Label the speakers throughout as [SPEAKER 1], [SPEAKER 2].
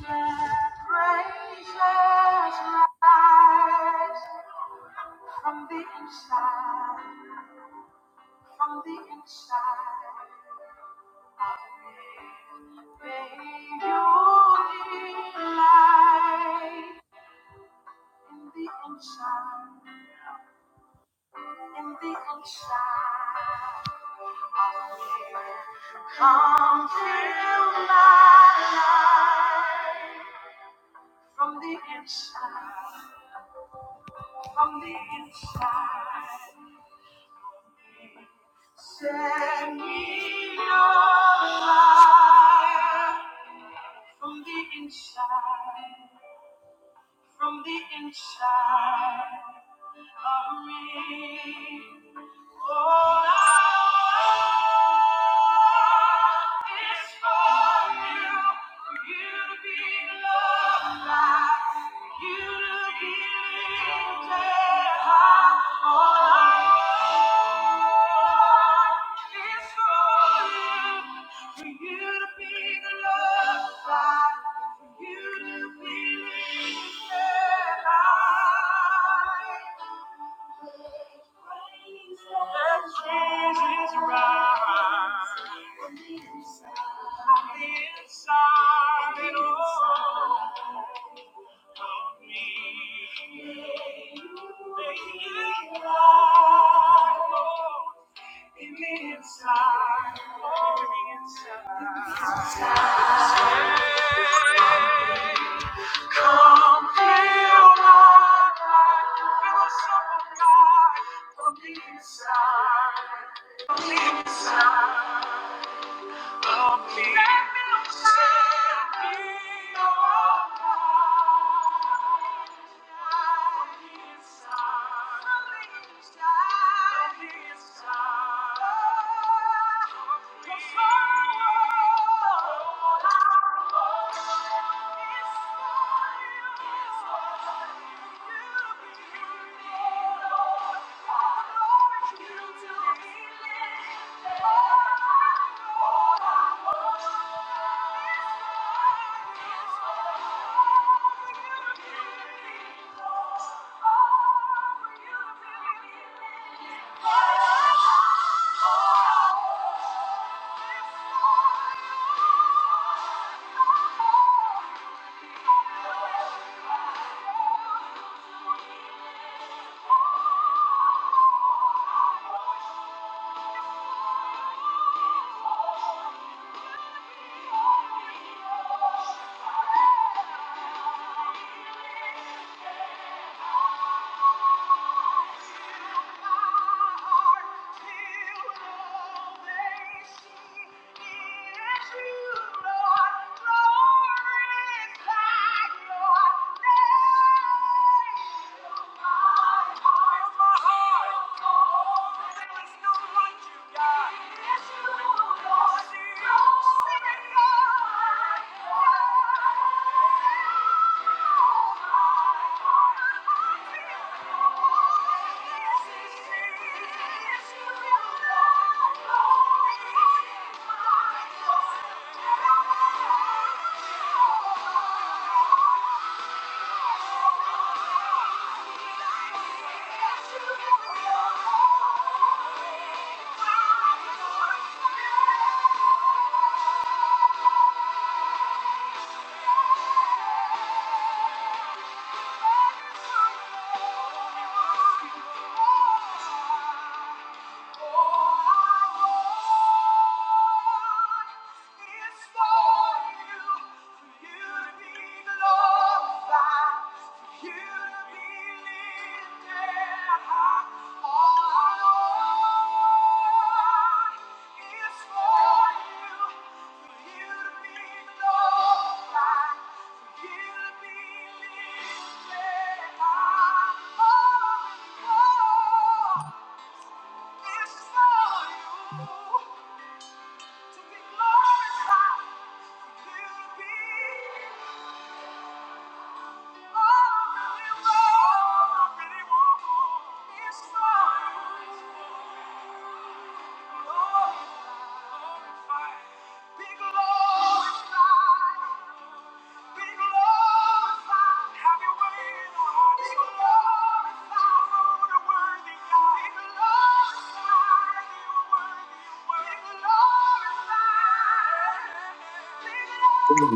[SPEAKER 1] From the inside, from the inside of me, may you delight in the inside, in the inside of me. Come fill my life from the inside, from the inside. Send me your light from the inside, from the inside of me for You to be lifted high. That Jesus rides on the inside of me. May He ride on the inside, on the inside. Inside. Thank you. Thank you. Thank you. Thank you. Yeah you to be glorified, for you to be.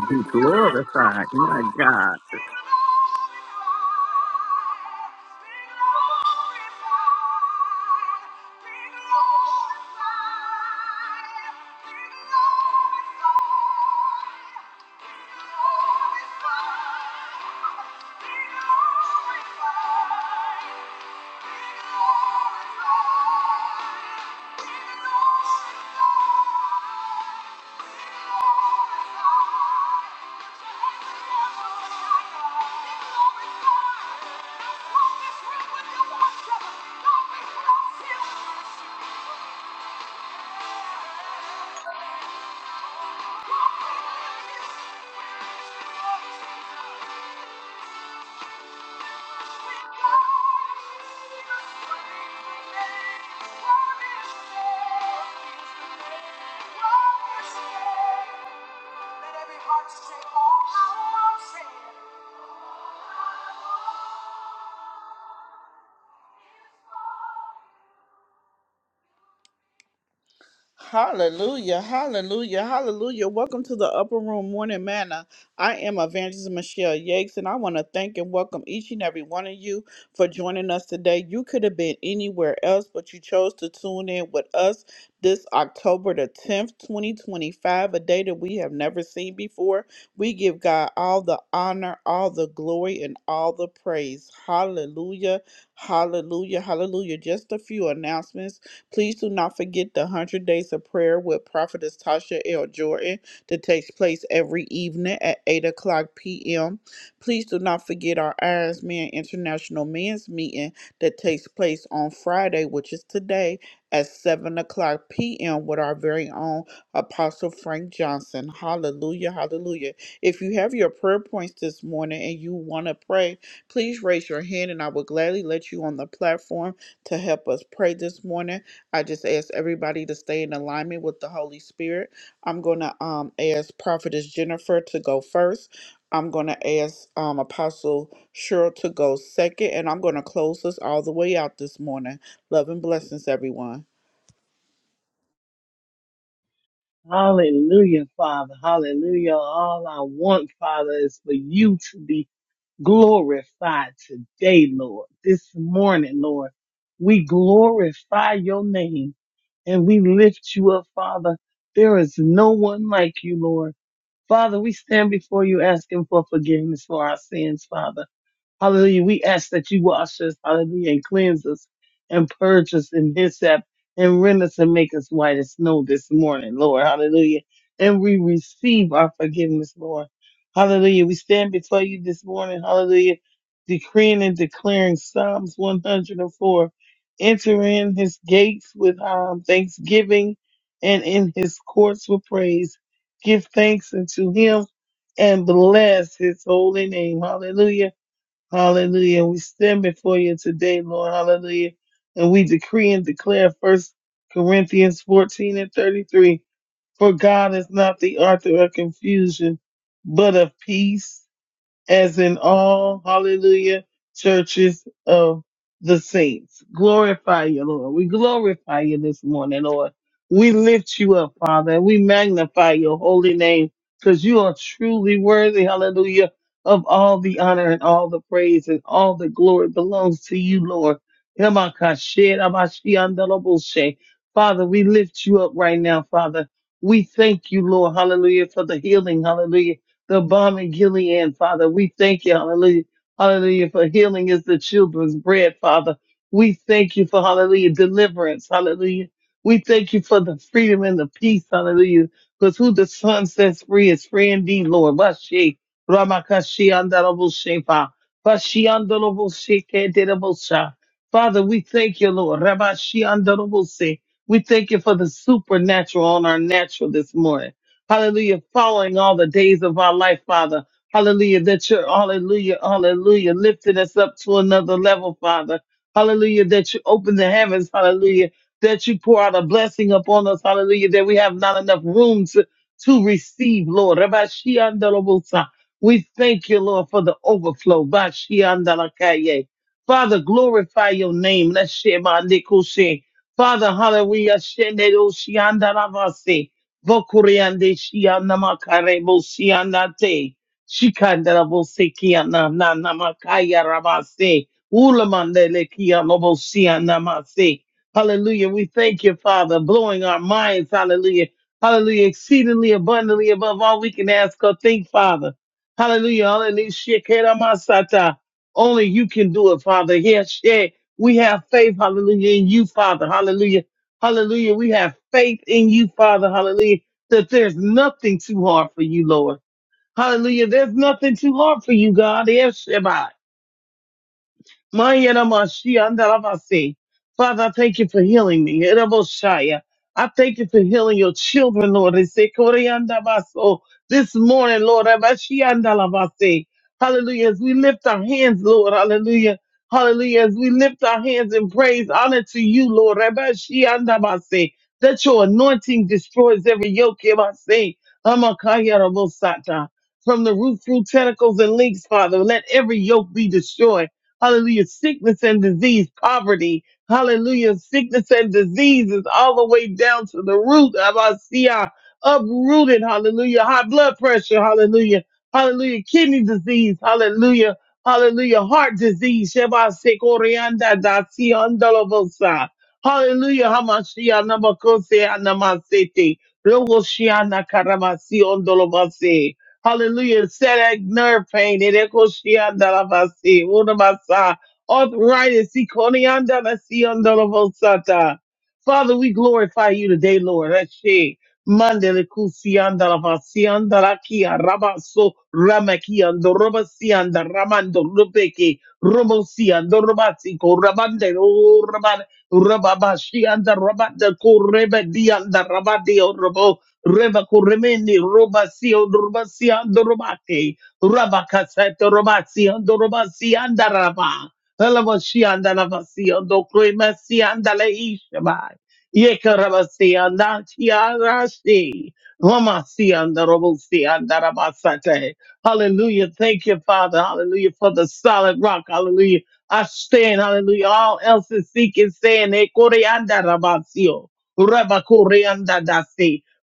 [SPEAKER 2] be glorified. My
[SPEAKER 1] Thank you.
[SPEAKER 2] God.
[SPEAKER 1] Be glorified. We'll Be Thank you. Let every heart say, all I want, say Hallelujah, hallelujah, hallelujah. Welcome to the Upper Room Morning Manna. I am Evangelist Michelle Yakes, and I want to thank and welcome each and every one of you for joining us today. You could have been anywhere else, but you chose to tune in with us this October the 10th, 2025, a day that we have never seen before. We give God all the honor, all the glory, and all the praise. Hallelujah, hallelujah, hallelujah. Just a few announcements. Please do not forget the 100 Days of Prayer with Prophetess Tasha L. Jordan that takes place every evening at 8 o'clock p.m. Please do not forget our Irons Man International Men's Meeting that takes place on Friday, which is today, at 7 o'clock p.m. with our very own Apostle Frank Johnson. Hallelujah, hallelujah. If you have your prayer points this morning and you want to pray, please raise your hand and I will gladly let you on the platform to help us pray this morning. I just ask everybody to stay in alignment with the Holy Spirit. I'm going to um, ask Prophetess Jennifer to go first. I'm going to ask um, Apostle Cheryl to go second. And I'm going to close us all the way out this morning. Love and blessings, everyone.
[SPEAKER 3] Hallelujah, Father. Hallelujah. All I want, Father, is for you to be glorified today, Lord. This morning, Lord, we glorify your name and we lift you up, Father. There is no one like you, Lord. Father, we stand before you asking for forgiveness for our sins, Father. Hallelujah. We ask that you wash us, hallelujah, and cleanse us and purge us and hyssop and rend us and make us white as snow this morning, Lord. Hallelujah. And we receive our forgiveness, Lord. Hallelujah. We stand before you this morning, hallelujah, decreeing and declaring Psalms 104. Enter in his gates with um, thanksgiving and in his courts with praise. Give thanks unto him and bless his holy name. Hallelujah Hallelujah. We stand before you today, Lord. Hallelujah. And we decree and declare First Corinthians 14 and 33. For God is not the author of confusion, but of peace as in all, hallelujah, churches of the saints. Glorify you, Lord. We glorify you this morning, Lord. We lift you up, Father. We magnify your holy name because you are truly worthy, hallelujah, of all the honor and all the praise and all the glory belongs to you, Lord. Father, we lift you up right now, Father. We thank you, Lord, hallelujah, for the healing, hallelujah the bomb in Gilead, Father. We thank you, hallelujah. Hallelujah, for healing is the children's bread, Father. We thank you for, hallelujah, deliverance, hallelujah. We thank you for the freedom and the peace, hallelujah. Because who the Son sets free is free indeed, Lord. Bashi, Ramakashi, Andarabushepa, Bashi, Andarabushe, Kedirabusha. Father, we thank you, Lord. Rabashi, Andarabuse. We thank you for the supernatural on our natural this morning. Hallelujah. Following all the days of our life, Father. Hallelujah. That you're, hallelujah, hallelujah, lifting us up to another level, Father. Hallelujah. That you open the heavens, hallelujah. That you pour out a blessing upon us, hallelujah. That we have not enough room to, to receive, Lord. Rabbi Shiandalabosa. We thank you, Lord, for the overflow. Ba Shiandalakaye. Father, glorify your name. Let's share my Father, hallelujah. Shenero Shiandalavase. Vokuriande shiana makare bosiana te. Shikandara bosekiana na namakaya rabase. Ulamandele kiano bosiana mase. Hallelujah. We thank you, Father, blowing our minds. Hallelujah. Hallelujah. Exceedingly abundantly above all we can ask or think, Father. Hallelujah. Hallelujah. Shekera masata. Only you can do it, Father. Yes, yeah. We have faith, hallelujah, in you, Father. Hallelujah. Hallelujah. We have faith in you, Father. Hallelujah. That there's nothing too hard for you, Lord. Hallelujah. There's nothing too hard for you, God. Yes, Shabbat. Mayana Mashia and Rabasi. Father, I thank you for healing me. Eremoshaya. I thank you for healing your children, Lord. They say, "Koreanda baso." This morning, Lord, Rabashia and Rabasi. hallelujah. As we lift our hands, Lord, hallelujah. Hallelujah. As we lift our hands in praise, honor to you, Lord. Rabashia and That your anointing destroys every yoke. Yabasi. Amakaya Rabosata. From the root, through tentacles and links, Father, let every yoke be destroyed. Hallelujah. Sickness and disease, poverty. Hallelujah. Sickness and disease is all the way down to the root of our CI. Uprooted. Hallelujah. High blood pressure. Hallelujah. Hallelujah. Kidney disease. Hallelujah. Hallelujah. Heart disease. Sheba sekorianda da si andalovosa. Hallelujah. Hamashia namakose anamasete. Rogo shiana karamasi ondolovase. Hallelujah. Setac nerve pain. Erekoshiandalabasi. Unamasa. Arthritis. Ikoniandalasiyondalavosata. Father, we glorify you today, Lord. Ashe. Mandelekusiandalavasiandalakia. Rabaso. Ramakiando. Robasianda. Ramando. Rubeke. Romosiando. Robasiko. Rabande. Raban. Rababashianda. Rabanda. Korebedianda. Rabadio. Reba Kuremeni, Roba Sio, Roba Siando Robake, Raba Caseta, Roba Siando, Roba Sianda Raba, and Sianda Raba and Crema Sianda Le and Yeka Raba Sianda, Tiara Si, Roma Sianda, Robo Sianda Raba Sate. Hallelujah. Thank you, Father. Hallelujah. For the solid rock. Hallelujah. I stand. Hallelujah. All else is seeking, saying, Ekoreanda Rabasio. Rabakurianda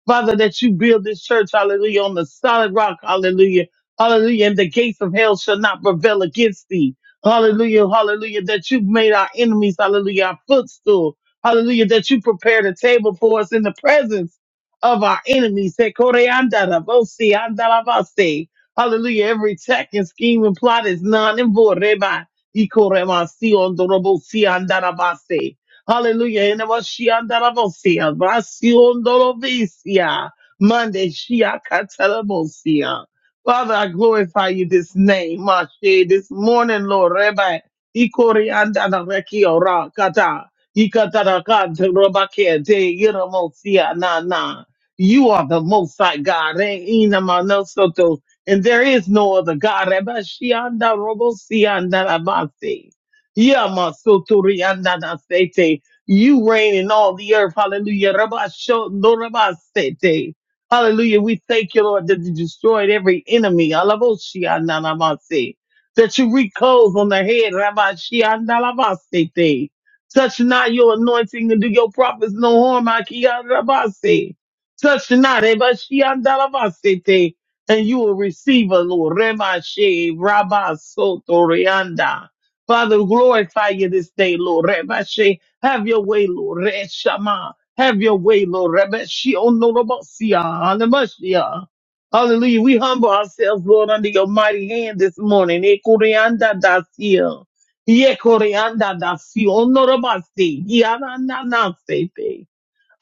[SPEAKER 3] Father, that you build this church, hallelujah, on the solid rock, hallelujah, hallelujah, and the gates of hell shall not prevail against thee. Hallelujah, hallelujah, that you've made our enemies, hallelujah, our footstool. Hallelujah, that you prepared a table for us in the presence of our enemies. Say, "Koreandara, vosi, andaravase." Hallelujah, every tech and scheme and plot is none and void. Reba, ikoremasi, ondorobosi, andaravase. Hallelujah. And it was she under the Mosia. Brasiondorovicia. Monday, Shia Catalamosia. Father, I glorify you this name, Mashe, this morning, Lord, Rabbi. Ikori andana reki ora kata. Ikatara kante robake te iramosia na na. You are the most high God. eh, ina manosoto. And there is no other God. Rabbi Shianda Robosia Narabasi. Yamasoturi Andanasete. You reign in all the earth. Hallelujah. Rabasho- Norabasete. Hallelujah. We thank you, Lord, that you destroyed every enemy. Alaboshi Andanamase. That you reclose on the head. Rabashi Andalabasete. Touch not your anointing and do your prophets no harm. Akiya Rabase. Touch not. Ebashi Andalabasete. And you will receive a Lord. Remashe Rabasotorianda. Father, glorify you this day, Lord. Rebashe, have your way, Lord. Reshama, have your way, Lord. Rebashi, onorabosia, Hallelujah. Hallelujah. We humble ourselves, Lord, under your mighty hand this morning. Ekoreanda dasia. Yekoreanda dasi. Onorabasi. Yanananasete.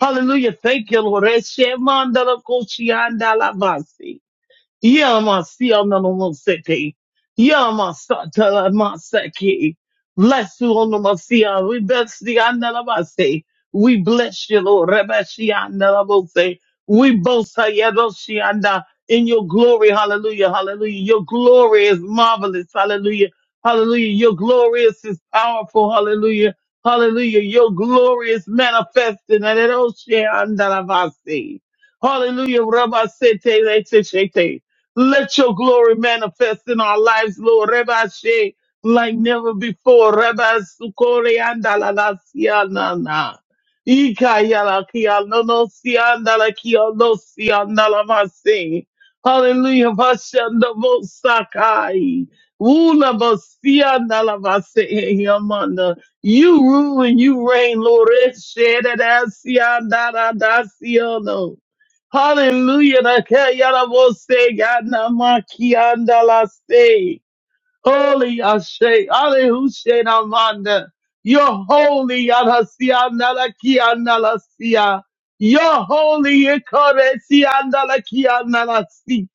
[SPEAKER 3] Hallelujah. Thank you, Lord. Reshemanda la koshianda la basi. Yamasiya Nanomoseki. Yamasatala Maseki. Bless you, Onomasiya. We bless the Analabase. We bless you, Lord. Rebeshiya Analabose. We boast Hayadoshianda in your glory. Hallelujah. Hallelujah. Your glory is marvelous. Hallelujah. Hallelujah. Your glory is is powerful. Hallelujah. Hallelujah. Your glory is manifested. Hallelujah. Hallelujah. Rabba sete let your glory manifest in our lives, Lord. Rabbi Shea, like never before. Rabbi Sukore andala siana na. Ika yala kia no no sianda la kia no sianda la masi. Hallelujah. Vashanda mo sakai. Ula mo la masi yamanda. You rule and you reign, Lord. Shada da sianda da da siano. Hallelujah. na ke ya na bo se ya na ma ki anda la se. Holy Ashe. Hallelujah. na manda. You're holy. ya na si anda la ki anda la si ya. You're holy. You're holy.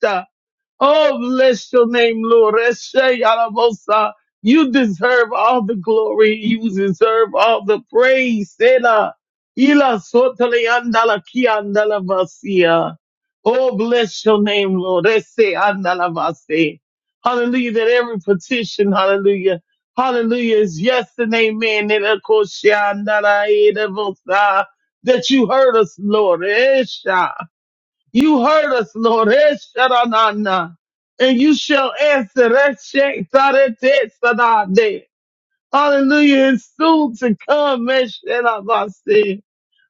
[SPEAKER 3] Oh, bless your name, Lord. Eshe yarabosa. You deserve all the glory. You deserve all the praise. Ela, ila sotele andala ki andala basia. Oh, bless your name, Lord. Eshe andala basi. Hallelujah. That every petition, hallelujah. Hallelujah is yes and amen. And of course, she andala eda bosa. That you heard us, Lord. Esha. You heard us, Lord. Eh, sharanana. And you shall answer. Eh, shek, tarete, sanade. Hallelujah. It's soon to come. Eh, shanabasi.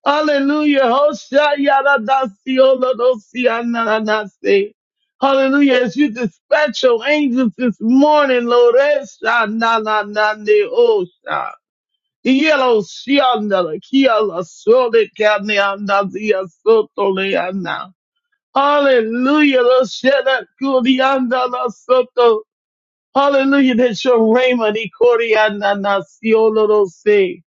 [SPEAKER 3] Hallelujah. Hoshayaradasi, olorosi, anananasi. Hallelujah. As you dispatch your angels this morning, Lord. Eh, shanananane, osha. Yellow, shiandala, kiala, sole, kane, anazia, sotole, Hallelujah. Lo shela kurianda la soto. Hallelujah. That's your rhema. Ni koreanda na siolo lo se.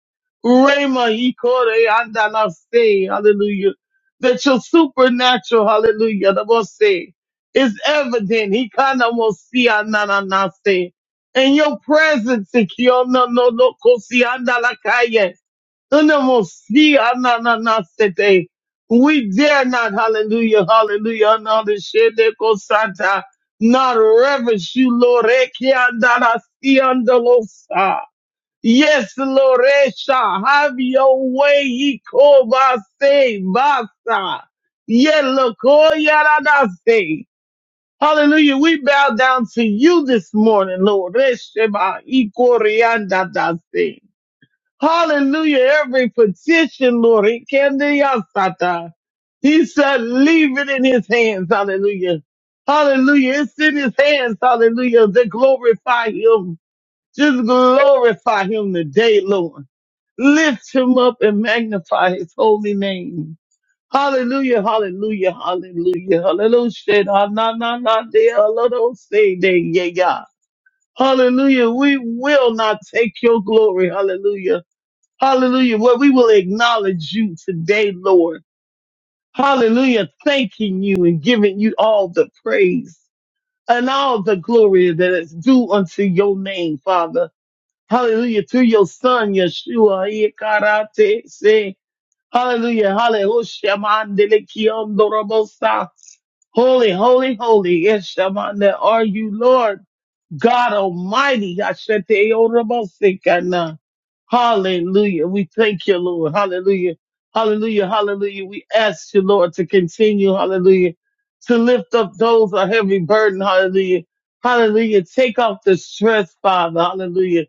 [SPEAKER 3] Rhema. Ni koreanda la se. Hallelujah. That your supernatural, hallelujah, the most say, is evident. He kind of will see ananase. And your presence, Ikiono no no no, kosianda la calle. Unamosi, anananasete. We dare not, hallelujah, hallelujah, anandashede kosata, not reverence you, Lord. Ekiandarasiandalosa. Yes, Lord, Esha, have your way, Ikobase, Basa. Yelokoyaradase. Hallelujah. We bow down to you this morning, Lord. Esheba, Ikoriandadase. Hallelujah. Every petition, Lord. He can do your sata. He said, leave it in his hands. Hallelujah. Hallelujah. It's in his hands. Hallelujah. They glorify him. Just glorify him today, Lord. Lift him up and magnify his holy name. Hallelujah. Hallelujah. Hallelujah. Hallelujah. Na, na, na, na, de, hallelujah. Say, de, yeah, yeah. Hallelujah. We will not take your glory. Hallelujah. Hallelujah. Well, we will acknowledge you today, Lord. Hallelujah. Thanking you and giving you all the praise and all the glory that is due unto your name, Father. Hallelujah. Through your son, Yeshua. Ikarate, say, Hallelujah. Hallelujah. Mandele kiondorobosa. Holy, holy, holy. Yes, Shamanda, are you Lord? God Almighty. Ashante Orobosikana. Hallelujah. We thank you, Lord. Hallelujah. Hallelujah. Hallelujah. We ask you, Lord, to continue. Hallelujah. To lift up those a heavy burden. Hallelujah. Hallelujah. Take off the stress, Father. Hallelujah.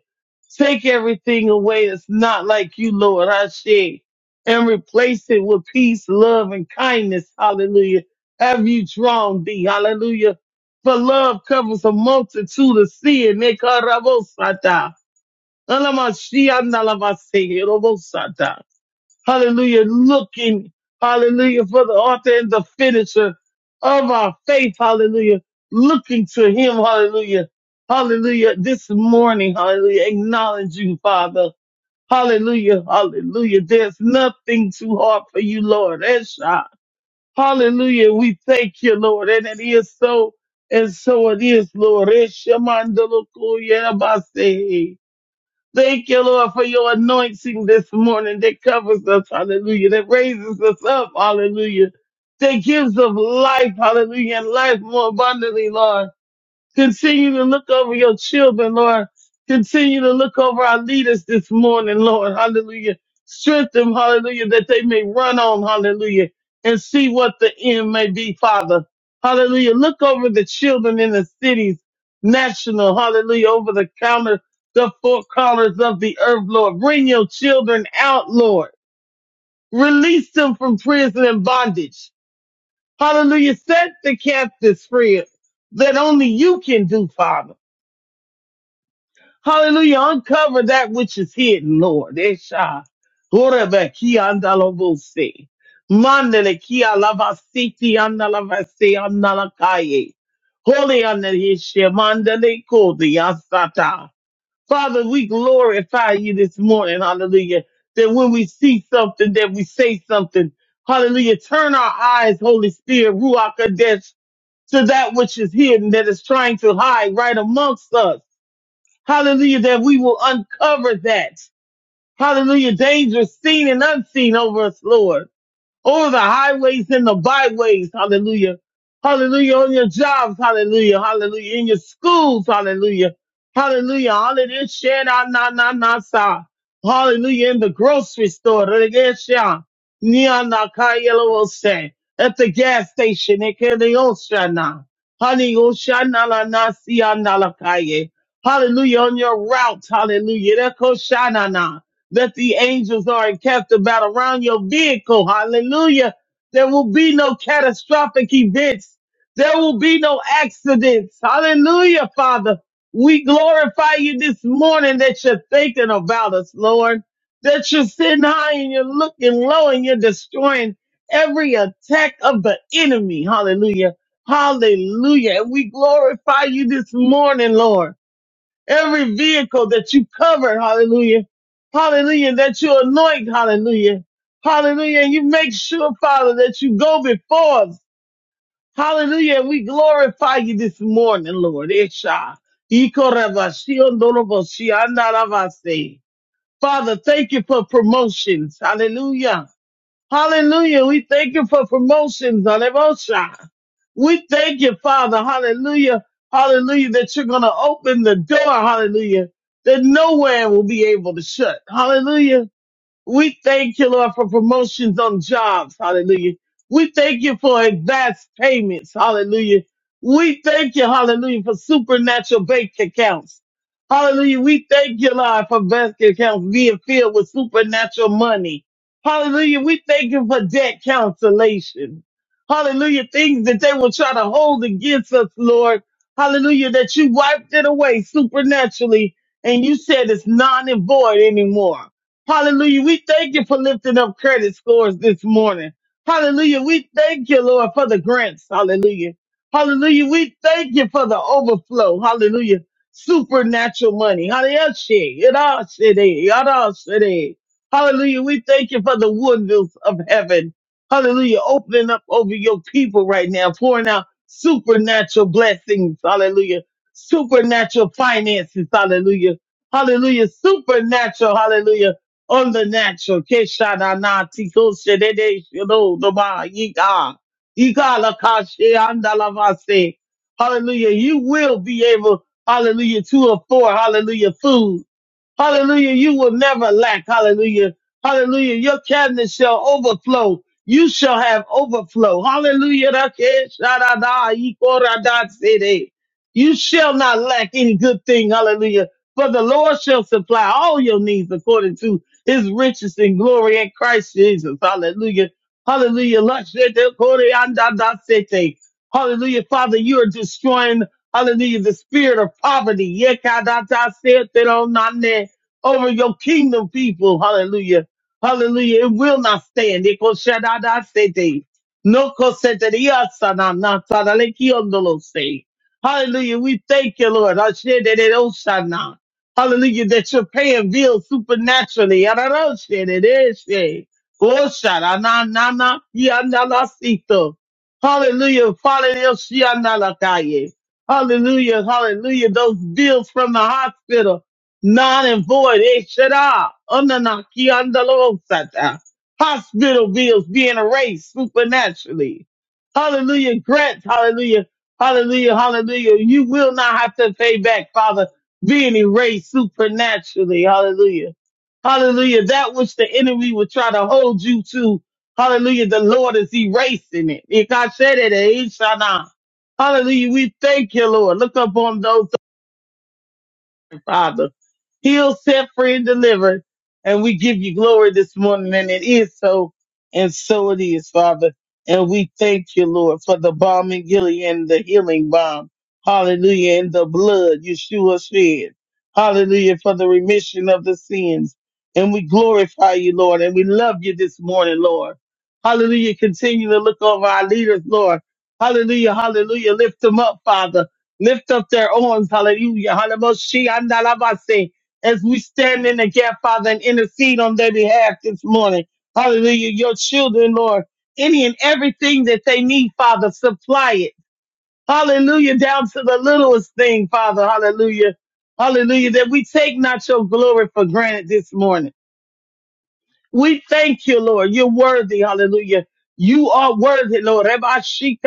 [SPEAKER 3] Take everything away that's not like you, Lord. I say, and replace it with peace, love, and kindness. Hallelujah. Have you drawn thee? Hallelujah for love covers a multitude of sin. Nekarabosata. Alamashianalamase, Hallelujah. Looking, hallelujah, for the author and the finisher of our faith. Hallelujah. Looking to him. Hallelujah. Hallelujah. This morning, hallelujah. Acknowledge you, Father. Hallelujah. Hallelujah. There's nothing too hard for you, Lord. Hallelujah. We thank you, Lord. And it is so, and so it is, Lord. Eshamandalokoyabase. Thank you, Lord, for your anointing this morning that covers us. Hallelujah. That raises us up. Hallelujah. That gives us life. Hallelujah. And life more abundantly, Lord. Continue to look over your children, Lord. Continue to look over our leaders this morning, Lord. Hallelujah. Strengthen them, hallelujah, that they may run on, hallelujah, and see what the end may be, Father. Hallelujah. Look over the children in the cities, national, hallelujah, over the counter, the four corners of the earth, Lord. Bring your children out, Lord. Release them from prison and bondage. Hallelujah. Set the captives free that only you can do, Father. Hallelujah. Uncover that which is hidden, Lord. Esha. Horebe ki anda lo vose. Mandele ki alavasiti anda lavase Holy anda mandele kodi asata. Father, we glorify you this morning. Hallelujah. That when we see something, that we say something. Hallelujah. Turn our eyes, Holy Spirit, Ruach Kadesh, to that which is hidden, that is trying to hide right amongst us. Hallelujah, that we will uncover that. Hallelujah, danger, seen and unseen over us, Lord over the highways and the byways. Hallelujah. Hallelujah. On your jobs. Hallelujah. Hallelujah. In your schools. Hallelujah. Hallelujah. Hallelujah. Share na na na na sa. Hallelujah. In the grocery store. Hallelujah. Share. Nia na ka yellow will say. At the gas station. It can the ocean na, Hallelujah. Hallelujah. la na si ya na la kaye, Hallelujah. On your route. Hallelujah. Eko sha na na that the angels are encamped about around your vehicle. Hallelujah. There will be no catastrophic events. There will be no accidents. Hallelujah, Father. We glorify you this morning that you're thinking about us, Lord. That you're sitting high and you're looking low and you're destroying every attack of the enemy. Hallelujah. Hallelujah. And we glorify you this morning, Lord every vehicle that you cover, hallelujah, hallelujah, that you anoint, hallelujah, hallelujah, and you make sure, Father, that you go before us, hallelujah, and we glorify you this morning, Lord, Esha. Ikorabashiondoroboshiandaravase. Father, thank you for promotions, hallelujah. Hallelujah. We thank you for promotions. Hallelujah. We thank you, Father. Hallelujah. Hallelujah. That you're going to open the door. Hallelujah. That nowhere will be able to shut. Hallelujah. We thank you, Lord, for promotions on jobs. Hallelujah. We thank you for advanced payments. Hallelujah. We thank you, hallelujah, for supernatural bank accounts. Hallelujah. We thank you, Lord, for bank accounts being filled with supernatural money. Hallelujah. We thank you for debt cancellation. Hallelujah. Things that they will try to hold against us, Lord. Hallelujah. That you wiped it away supernaturally and you said it's non and void anymore. Hallelujah. We thank you for lifting up credit scores this morning. Hallelujah. We thank you, Lord, for the grants. Hallelujah. Hallelujah. We thank you for the overflow. Hallelujah. Supernatural money. Hallelujah. Yadashede, yadashede. Hallelujah. We thank you for the windows of heaven. Hallelujah. Opening up over your people right now, pouring out supernatural blessings. Hallelujah. Supernatural finances. Hallelujah. Hallelujah. Supernatural. Hallelujah on the natural. Keshanana tiko sedede shiro doba yika. Yika lakashe andalavase. Hallelujah. You will be able, hallelujah, to afford, hallelujah, food. Hallelujah. You will never lack. Hallelujah. Hallelujah. Your cabinet shall overflow. You shall have overflow. Hallelujah. Rakeshadada, ikoradasede. You shall not lack any good thing. Hallelujah. For the Lord shall supply all your needs according to his riches and glory in Christ Jesus. Hallelujah. Hallelujah. Lashete koreandadasete. Hallelujah. Father, you are destroying Hallelujah. The spirit of poverty. Yekadatasete ronane over your kingdom people. Hallelujah. Hallelujah. It will not stand. Eko shadada sete. No koseteria sana na sana lekiondolo se. Hallelujah. We thank you, Lord. Ashededeo shana. Hallelujah. That you're paying bills supernaturally. Yararo shededeshe. Oh, shada na na na kianda la sito. Hallelujah. father, yo shianda la Hallelujah. Hallelujah. Hallelujah. Those bills from the hospital non and void. Eh, shada, Unanaki andalosata. Hospital bills being erased supernaturally. Hallelujah. Grants. Hallelujah. Hallelujah. Hallelujah. You will not have to pay back, Father, being erased supernaturally. Hallelujah. Hallelujah. That which the enemy would try to hold you to. Hallelujah. The Lord is erasing it. Ikashedede, eh, shana. Hallelujah. We thank you, Lord. Look upon those Father. Heal, set free, and deliver. And we give you glory this morning. And it is so, and so it is, Father. And we thank you, Lord, for the balm in Gilead and the healing balm. Hallelujah. And the blood Yeshua shed. Hallelujah. For the remission of the sins. And we glorify you, Lord. And we love you this morning, Lord. Hallelujah. Continue to look over our leaders, Lord. Hallelujah. Hallelujah. Lift them up, Father lift up their arms, hallelujah, hallelujah, and alabase, as we stand in the gap, Father, and intercede on their behalf this morning. Hallelujah, your children, Lord, any and everything that they need, Father, supply it. Hallelujah, down to the littlest thing, Father, hallelujah, hallelujah, that we take not your glory for granted this morning. We thank you, Lord, you're worthy, hallelujah. You are worthy, Lord. Hallelujah.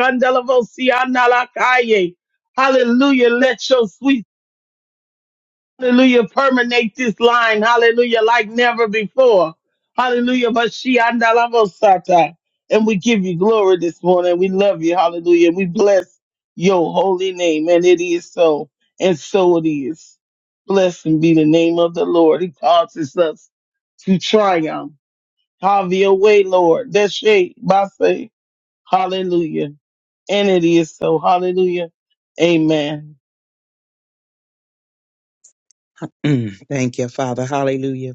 [SPEAKER 3] Hallelujah. Let your sweet Hallelujah. Permeate this line. Hallelujah. Like never before. Hallelujah. Mashiachandalabosata. And we give you glory this morning. We love you. Hallelujah. We bless your holy name. And it is so. And so it is. Blessed be the name of the Lord. He causes us to triumph. Have your way, Lord. That's shape. say, Hallelujah. And it is so. Hallelujah. Amen.
[SPEAKER 2] Mm, thank you, Father. Hallelujah.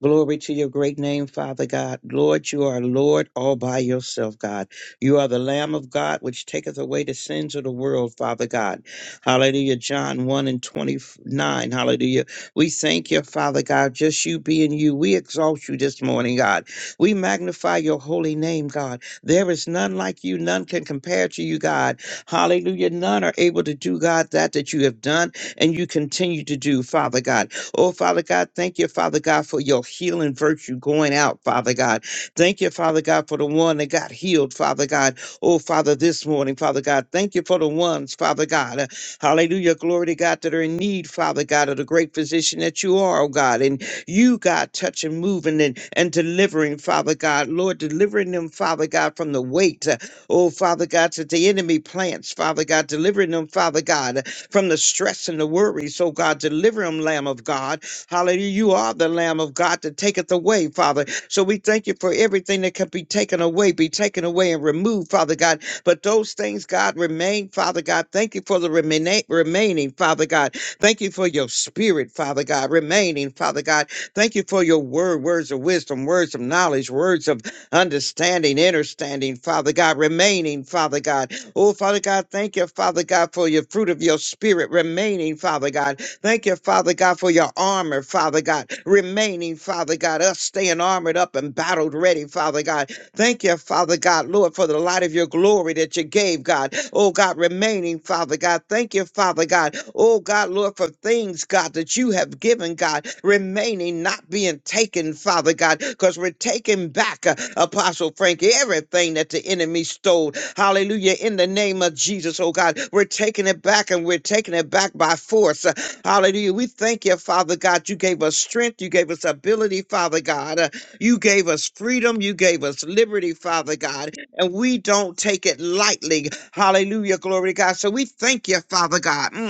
[SPEAKER 2] Glory to your great name, Father God. Lord, you are Lord all by yourself, God. You are the Lamb of God, which taketh away the sins of the world, Father God. Hallelujah. John 1 and 29. Hallelujah. We thank you, Father God, just you being you. We exalt you this morning, God. We magnify your holy name, God. There is none like you. None can compare to you, God. Hallelujah. None are able to do, God, that that you have done and you continue to do, Father God. Oh, Father God, thank you, Father God, for your healing virtue going out, Father God. Thank you, Father God, for the one that got healed, Father God. Oh, Father, this morning, Father God, thank you for the ones, Father God. uh, hallelujah. Glory to God that are in need, Father God, of the great physician that you are, oh God. And you, God, touching, moving, and, and delivering, Father God. Lord, delivering them, Father God, from the weight, uh, oh, Father God, that the enemy plants, Father God, delivering them, Father God from the stress and the worries. So, God, deliver them, Lamb of God. Hallelujah. You are the Lamb of God that taketh away, Father. So we thank you for everything that can be taken away, be taken away and removed, Father God. But those things, God, remain, Father God. Thank you for the remaining, remaining, Father God. Thank you for your spirit, Father God, remaining, Father God. Thank you for your word, words of wisdom, words of knowledge, words of understanding, understanding, Father God, remaining, Father God. Oh, Father God, thank you, Father God, for your fruit of your spirit remaining, Father God. Thank you, Father God, for your armor, Father God, remaining, Father God, us staying armored up and battled ready, Father God. Thank you, Father God, Lord, for the light of your glory that you gave, God. Oh, God, remaining, Father God. Thank you, Father God. Oh, God, Lord, for things, God, that you have given, God, remaining, not being taken, Father God, because we're taking back, uh, Apostle Frankie, everything that the enemy stole. Hallelujah. In the name of Jesus, oh, God, we're taking it back and we're taking it back by force. Uh, Hallelujah. We thank you, Father God. You gave us strength. You gave us ability, Father God. You gave us freedom. You gave us liberty, Father God. And we don't take it lightly. Hallelujah. Glory to God. So we thank you, Father God. Mm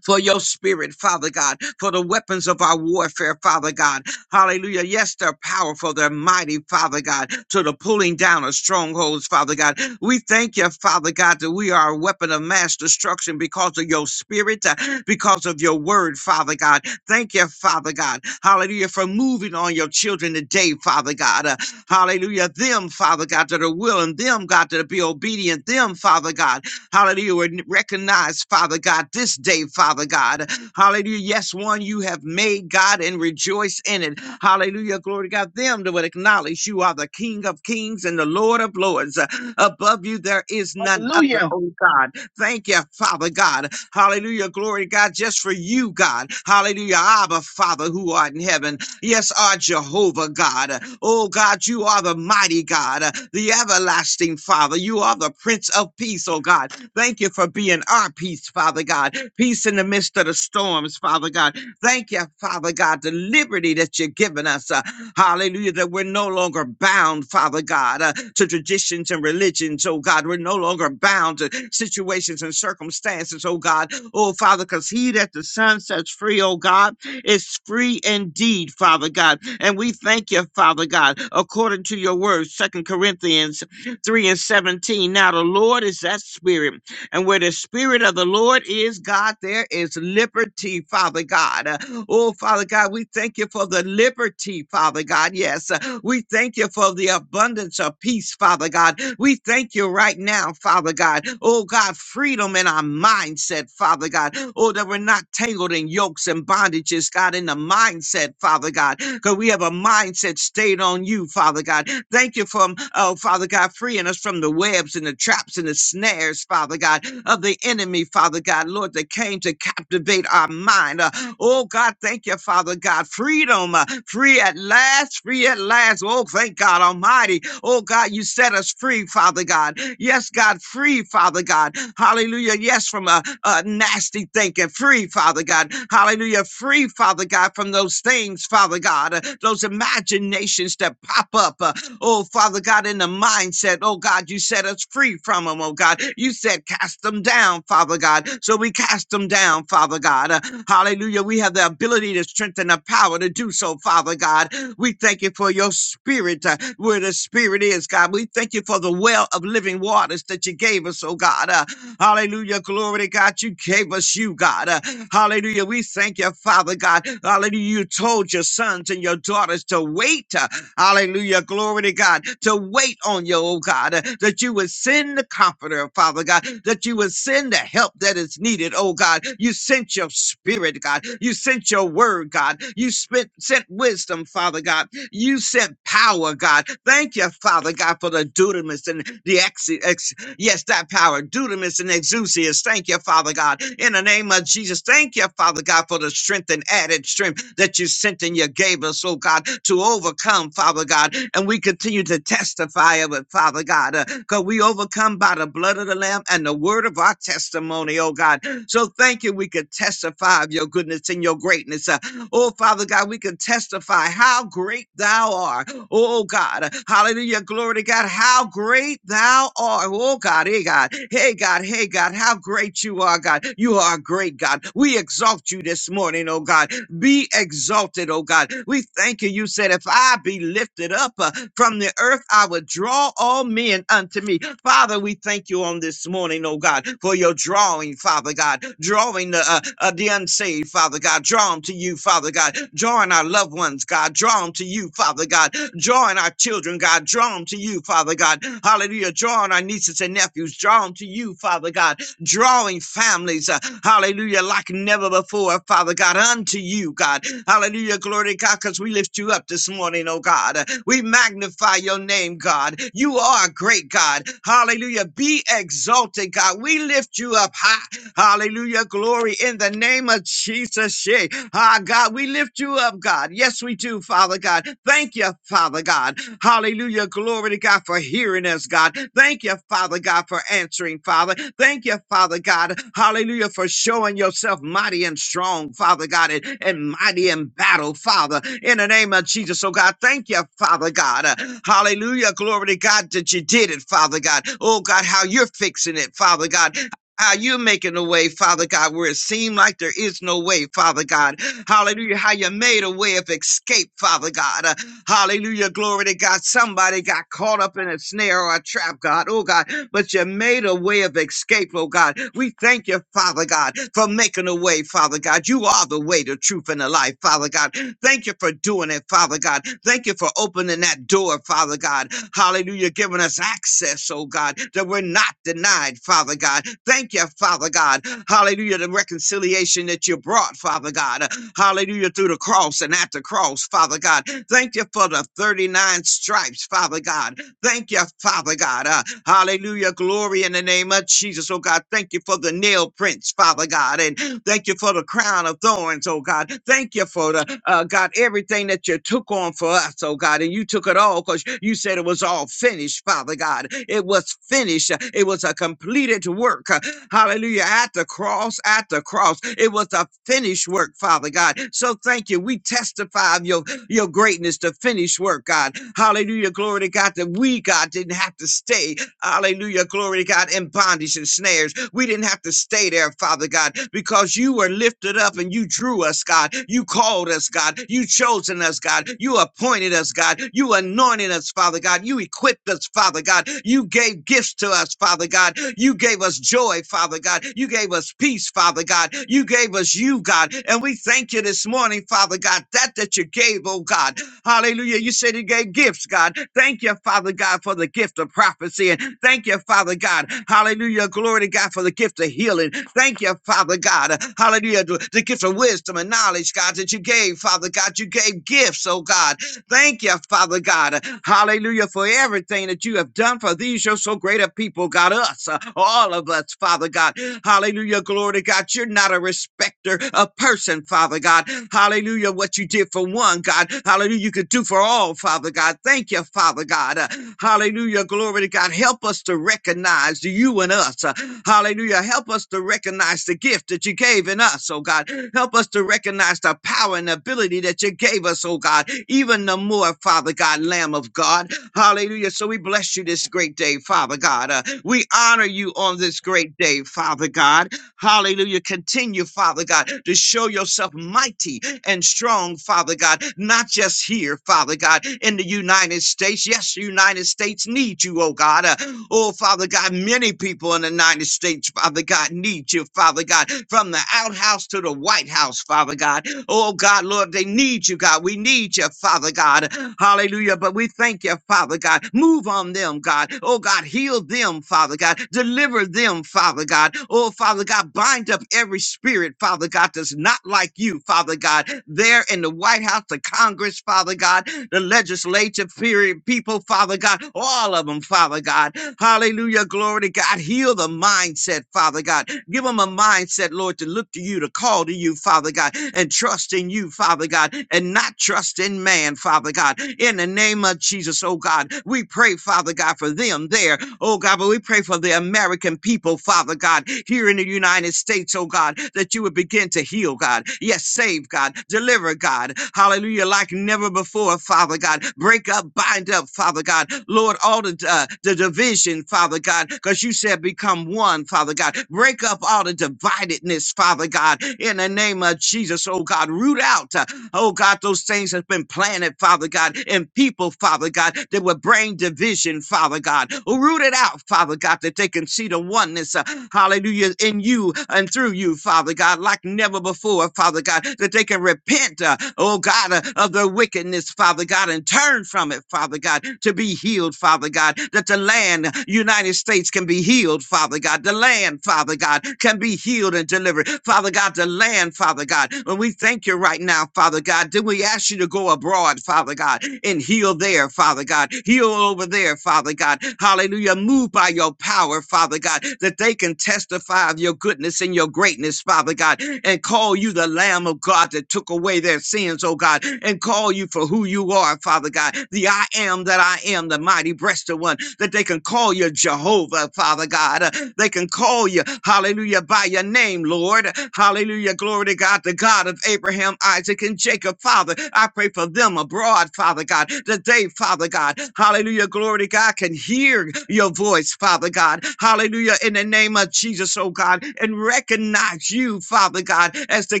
[SPEAKER 2] for your spirit, Father God, for the weapons of our warfare, Father God. Hallelujah. Yes, they're powerful. They're mighty, Father God, to the pulling down of strongholds, Father God. We thank you, Father God, that we are a weapon of mass destruction because of your spirit, uh, because of your word, Father God. Thank you, Father God. Hallelujah, for moving on your children today, Father God. Uh, hallelujah. Them, Father God, that are willing, them, God, that be obedient, them, Father God. Hallelujah. And recognize, Father God, this day, Father God. Hallelujah. Yes, one you have made, God, and rejoice in it. Hallelujah. Glory to God. Them that would acknowledge you are the King of kings and the Lord of lords. Above you, there is none
[SPEAKER 3] Hallelujah.
[SPEAKER 2] other, oh God. Thank you, Father God. Hallelujah. Glory to God. Just for you, God. Hallelujah. Abba, Father, who art in heaven. Yes, our Jehovah God. Oh God, you are the mighty God, the everlasting Father. You are the Prince of Peace, oh God. Thank you for being our peace, Father God. Peace in the midst of the storms, Father God. Thank you, Father God, the liberty that you've given us. uh, hallelujah, that we're no longer bound, Father God, uh, to traditions and religions, oh God. We're no longer bound to situations and circumstances, oh God. Oh, Father, because he that the Son sets free, oh God, is free indeed, Father God. And we thank you, Father God, according to your words, Second Corinthians 3 and 17. Now the Lord is that spirit and where the Spirit of the Lord is, God, there is liberty, Father God. Uh, Oh, Father God, we thank you for the liberty, Father God. Yes, uh, we thank you for the abundance of peace, Father God. We thank you right now, Father God. Oh God, freedom in our mindset, Father God. Oh, that we're not tangled in yokes and bondages, God, in the mindset, Father God, because we have a mindset stayed on you, Father God. Thank you for, oh, Father God, freeing us from the webs and the traps and the snares, Father God, of the enemy, Father God, Lord, that came to captivate our minds mind. Uh, oh, God, thank you, Father God. Freedom, uh, free at last, free at last. Oh, thank God Almighty. Oh, God, you set us free, Father God. Yes, God, free, Father God. Hallelujah. Yes, from a, a nasty thinking. Free, Father God. Hallelujah. Free, Father God, from those things, Father God, uh, those imaginations that pop up. uh, oh, Father God, in the mindset. Oh, God, you set us free from them them, oh God. You said cast them down, Father God. So we cast them down, Father God. Uh, hallelujah. We have the ability to strengthen the power to do so, Father God. We thank you for your spirit, uh, where the spirit is, God. We thank you for the well of living waters that you gave us, oh God. Uh, hallelujah. Glory to God. You gave us you, God. Uh, hallelujah. We thank you, Father God. Hallelujah. You told your sons and your daughters to wait. uh, Hallelujah. Glory to God. To wait on you, oh God, uh, that you would send the comforter, Father God, that you would send the help that is needed, oh God. You sent your spirit, God. You sent your word, God. You spent, sent wisdom, Father God. You sent power, God. Thank you, Father God, for the dunamis and the ex- ex- Yes, that power, dunamis and exousias. Thank you, Father God. In the name of Jesus, thank you, Father God, for the strength and added strength that you sent and you gave us, oh God, to overcome, Father God. And we continue to testify of it, Father God, because we overcome by the blood of the Lamb and the word of our testimony, oh God. So thank you. We could testify of your goodness and your greatness. Uh, Oh, Father God, we can testify how great thou art. Oh, God. Hallelujah. Glory to God. How great thou art. Oh, God. Hey, God. Hey, God. Hey, God. How great you are, God. You are a great, God. We exalt you this morning, oh, God. Be exalted, oh, God. We thank you. You said, if I be lifted up uh, from the earth, earth, I would draw all men unto me. Father, we thank you on this morning, oh God, for your drawing, Father God, drawing the, uh, uh, the unsaved, Father God, draw them to you, Father God, drawing our loved ones, God, draw them to you, Father God, drawing our children, God, draw them to you, Father God, hallelujah, drawing our nieces and nephews, draw them to you, Father God, drawing families, uh, hallelujah, like never before, Father God, unto you, God. Hallelujah, glory to God, because we lift you up this morning, oh God. Uh, We magnify your name, God. You are a great God. Hallelujah, be exalted, God. We lift you up high. Hallelujah, glory in the name of Jesus. yeah. Ah, God, we lift you up, God. Yes, we do, Father God. Thank you, Father God. Hallelujah. Glory to God for hearing us, God. Thank you, Father God, for answering, Father. Thank you, Father God. Hallelujah, for showing yourself mighty and strong, Father God, and, and mighty in battle, Father. In the name of Jesus, oh God, thank you, Father God. Uh, hallelujah. Glory to God that you did it, Father God. Oh God, how you're fixing it, Father God how you're making a way, Father God, where it seemed like there is no way, Father God. Hallelujah. How you made a way of escape, Father God. Uh, Hallelujah. Glory to God. Somebody got caught up in a snare or a trap, God. Oh, God. But you made a way of escape, oh, God. We thank you, Father God, for making a way, Father God. You are the way, the truth, and the life, Father God. Thank you for doing it, Father God. Thank you for opening that door door, Father God. Hallelujah, giving us access, oh God, that we're not denied, Father God. Thank you, Father God. Hallelujah, the reconciliation that you brought, Father God. Hallelujah, through the cross and at the cross, Father God. Thank you for the 39 stripes, Father God. Thank you, Father God. Uh, hallelujah. Glory in the name of Jesus, oh God. Thank you for the nail prints, Father God. And thank you for the crown of thorns, oh God. Thank you for the, uh, God, everything that you took on for us, oh God. And you took it all because you said it was all finished, Father God. It was finished. It was a completed work. Uh, Hallelujah. At the cross, at the cross, it was a finished work, Father God. So thank you. We testify of your your greatness to finish work, God. Hallelujah. Glory to God that we, God, didn't have to stay Hallelujah. Glory to God. In bondage and snares. We didn't have to stay there, Father God, because you were lifted up and you drew us, God. You called us, God. You chosen us, God. You appointed us, God. You anointed us, Father God. You equipped us, Father God. You gave gifts to us, Father God. You gave us joy, Father God. You gave us peace, Father God. You gave us you, God. And we thank you this morning, Father God, that that you gave, oh God. Hallelujah. You said you gave gifts, God. Thank you, Father God, for the gift of prophecy. And thank you, Father God. Hallelujah. Glory to God for the gift of healing. Thank you, Father God. Hallelujah. The the gift of wisdom and knowledge, God, that you gave, Father God. You gave gifts, oh God. Thank you, Father God. Hallelujah for everything that you have done for these, your so great a people, God, us, uh, all of us, Father God. Hallelujah, glory to God. You're not a respecter of person, Father God. Hallelujah, what you did for one, God. Hallelujah, you could do for all, Father God. Father God. Thank you, Father God. Uh, hallelujah. Glory to God. Help us to recognize you and us. Uh, hallelujah. Help us to recognize the gift that you gave in us, oh God. Help us to recognize the power and ability that you gave us, oh God. Even the more, Father God, Lamb of God. Hallelujah. So we bless you this great day, Father God. Uh, we honor you on this great day, Father God. Hallelujah. Continue, Father God, to show yourself mighty and strong, Father God, not just here, Father God, in the United States. Yes, the United States needs you, oh God. Uh, oh, Father God, many people in the United States, Father God, need you, Father God, from the outhouse to the White House, Father God. Oh, God, Lord, they need you, God. We need you, Father God. Hallelujah. But we thank you, Father God. Move on them, God. Oh, God, heal them them, Father God. Deliver them, Father God. Oh, Father God, bind up every spirit, Father God, that's not like you, Father God. There in the White House, the Congress, Father God, the legislative period, people, Father God, all of them, Father God. Hallelujah, glory to God. Heal the mindset, Father God. Give them a mindset, Lord, to look to you, to call to you, Father God, and trust in you, Father God, and not trust in man, Father God. In the name of of Jesus, oh God. We pray, Father God, for them there, oh God, but we pray for the American people, Father God, here in the United States, oh God, that you would begin to heal, God. Yes, save, God, deliver, God. Hallelujah, like never before, Father God. Break up, bind up, Father God. Lord, all the, uh, the division, Father God, because you said become one, Father God. Break up all the dividedness, Father God, in the name of Jesus, oh God. Root out. uh, Oh God, those things have been planted, Father God, in people, Father God, that would bring division, Father God. Root it out, Father God, that they can see the oneness, uh, hallelujah, in you and through you, Father God, like never before, Father God, that they can repent, uh, oh God, uh, of their wickedness, Father God, and turn from it, Father God, to be healed, Father God, that the land, uh, United States, can be healed, Father God, the land, Father God, can be healed and delivered, Father God, the land, Father God. God. And we thank you right now, Father God. Then we ask you to go abroad, Father God, and heal there, Father God. Heal over there, Father God. Hallelujah. Move by your power, Father God, that they can testify of your goodness and your greatness, Father God, and call you the Lamb of God that took away their sins, oh God, and call you for who you are, Father God. The I am that I am, the mighty breasted one, that they can call you Jehovah, Father God. Uh, They can call you, hallelujah, by your name, Lord. Lord. Hallelujah. Glory to God, the God of Abraham, Isaac, and Jacob, Father. I pray for them abroad, Father God, today, Father God. Hallelujah. Glory to God can hear your voice, Father God. Hallelujah. In the name of Jesus, oh God, and recognize you, Father God, as the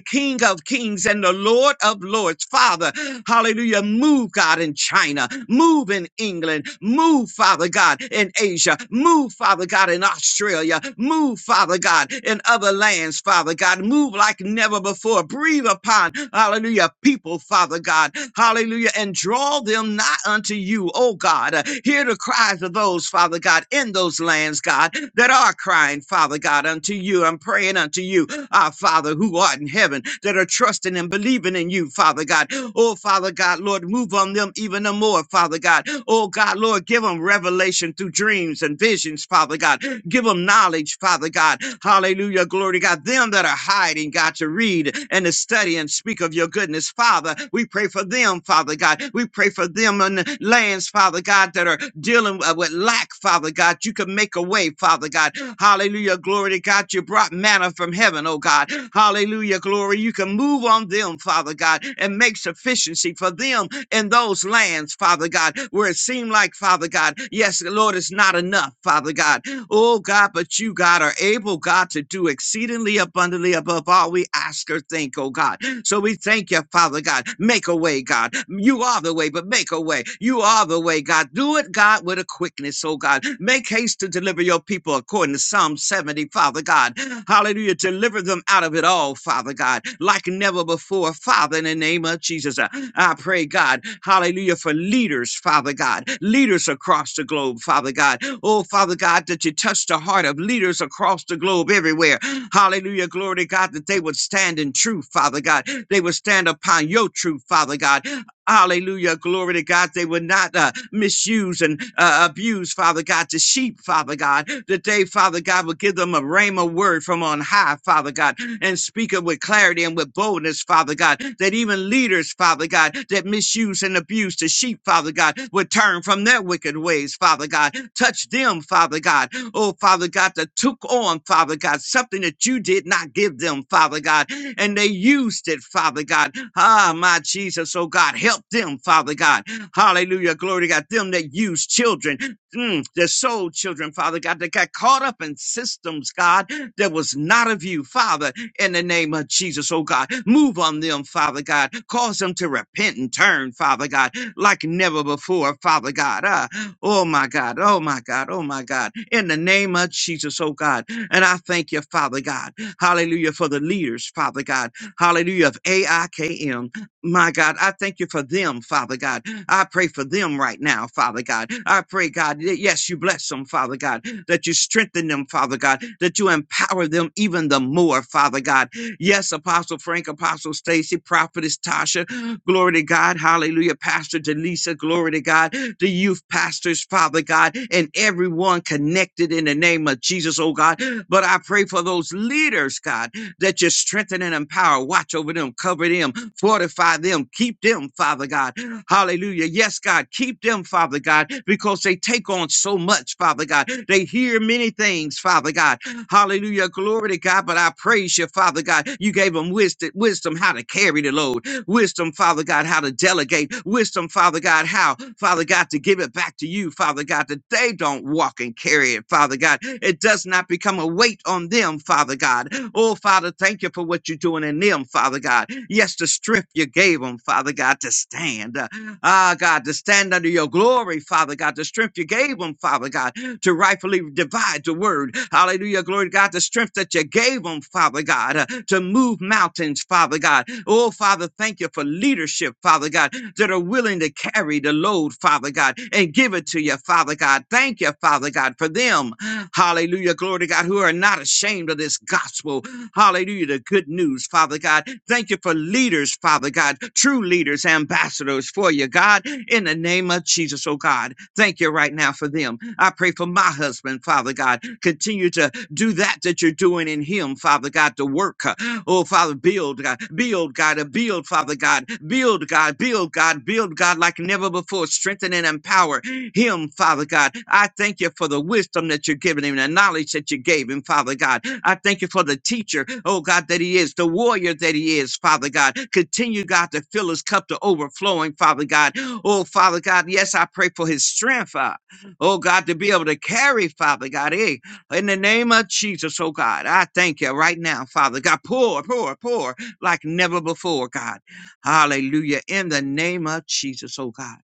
[SPEAKER 2] King of Kings and the Lord of Lords, Father. Hallelujah. Move, God, in China. Move in England. Move, Father God, in Asia. Move, Father God, in Australia. Move, Father. Father God, in other lands, Father God. Move like never before. Breathe upon, hallelujah, people, Father God, hallelujah, and draw them nigh unto you, oh God. Uh, Hear the cries of those, Father God, in those lands, God, that are crying, Father God, unto you. I'm praying unto you, our Father who art in heaven, that are trusting and believing in you, Father God. Oh, Father God, Lord, move on them even the more, Father God. Oh, God, Lord, give them revelation through dreams and visions, Father God. Give them knowledge, Father God. Hallelujah. Glory to God. Them that are hiding, God, to read and to study and speak of your goodness, Father. We pray for them, Father God. We pray for them in the lands, Father God, that are dealing uh, with lack, Father God. You can make a way, Father God. Hallelujah. Glory to God. You brought manna from heaven, oh God. Hallelujah. Glory. You can move on them, Father God, and make sufficiency for them in those lands, Father God, where it seemed like, Father God, yes, Lord, it's not enough, Father God. Oh God, but you, God, are able, God, to do exceedingly abundantly above all we ask or think, oh God. So we thank you, Father God. Make a way, God. You are the way, but make a way. You are the way, God. Do it, God, with a quickness, oh God. Make haste to deliver your people according to Psalm 70, Father God. Hallelujah. Deliver them out of it all, Father God, like never before, Father, in the name of Jesus. I pray, God, hallelujah, for leaders, Father God, leaders across the globe, Father God. Oh, Father God, that you touch the heart of leaders across the globe everywhere. Hallelujah, glory to God, that they would stand in truth, Father God. They would stand upon your truth, Father God. Hallelujah, glory to God. They would not uh, misuse and uh, abuse, Father God, the sheep, Father God. That they, Father God, would give them a rhema word from on high, Father God and speak it with clarity and with boldness, Father God, that even leaders, Father God, that misuse and abuse the sheep, Father God, would turn from their wicked ways, Father God. Touch them, Father God. Oh, Father God, that took on, Father God, something that you did not give them, Father God, and they used it, Father God. Ah, my Jesus, oh God, help them, Father God. Hallelujah, glory to God. Them that use children, mm, their soul children, Father God, that got caught up in systems, God, that was not of you, Father in the name of Jesus, oh God. Move on them, Father God. Cause them to repent and turn, Father God, like never before, Father God. Ah, oh my God, oh my God, oh my God. In the name of Jesus, oh God. And I thank you, Father God. Hallelujah for the leaders, Father God. Hallelujah of AIKM. My God, I thank you for them, Father God. I pray for them right now, Father God. I pray, God, y- yes, you bless them, Father God that you strengthen them, Father God, that you empower them even the more, Father God. Yes, Apostle Frank, Apostle Stacy, Prophetess Tasha, glory to God, hallelujah, Pastor Delisa, glory to God, the youth pastors, Father God, and everyone connected in the name of Jesus, oh God. But I pray for those leaders, God, that you strengthen and empower. Watch over them, cover them, fortify them, keep them, Father God. Hallelujah. Yes, God, keep them, Father God, because they take on so much, Father God. They hear many things, Father God. Hallelujah. Glory to God. But I praise you, Father God. You gave them wisdom, wisdom how to carry the load. Wisdom, Father God, how to delegate. Wisdom, Father God, how, Father God, to give it back to you, Father God, that they don't walk and carry it, Father God. It does not become a weight on them, Father God. Oh, Father, thank you for what you're doing in them, Father God. Yes, the strength you gave them, Father God, to stand. Uh, Ah, God, to stand under your glory, Father God, the strength you gave them, Father God, to rightfully divide the word. Hallelujah, glory to God, the strength that you gave them, Father God, uh, to move mountains, Father God. Oh, Father, thank you for leadership, Father God, that are willing to carry the load, Father God, and give it to you, Father God. Thank you, Father God, for them. Hallelujah. Glory to God, who are not ashamed of this gospel. Hallelujah. The good news, Father God. Thank you for leaders, Father God, true leaders, ambassadors for you, God, in the name of Jesus, oh God. Thank you right now for them. I pray for my husband, Father God. Continue to do that that you're doing in him, Father God, to work. uh, Oh, Father, build, God, build, God, uh, build, Father God, build, God, build, God, build, God, like never before. Strengthen and empower him, Father God. I thank you for the wisdom that you're giving him, the knowledge that you gave him, Father God. I thank you for the teacher, oh God, that he is, the warrior that he is, Father God. Continue, God, to fill his cup to overflowing, Father God. Oh, Father God, yes, I pray for his strength, uh, oh God, to be able to carry, Father God. Eh, in the name of Jesus, oh God, I thank you right now, Father God. Pour, pour, pour like never before, God. Hallelujah. In the name of Jesus, oh God.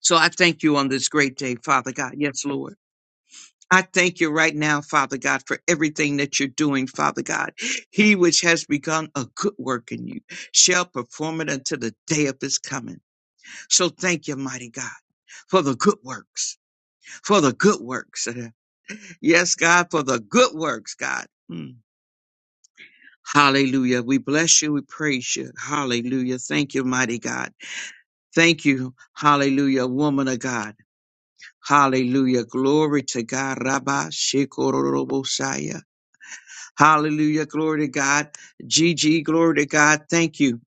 [SPEAKER 2] So I thank you on this great day, Father God. Yes, Lord. I thank you right now, Father God, for everything that you're doing, Father God. He which has begun a good work in you shall perform it until the day of his coming. So thank you, mighty God, for the good works, for the good works. Yes, God, for the good works, God. Hmm. Hallelujah. We bless you. We praise you. Hallelujah. Thank you, mighty God. Thank you. Hallelujah, woman of God. Hallelujah. Glory to God. Rabba Shekorobosaya. Hallelujah. Glory to God. GG. Glory to God. Thank you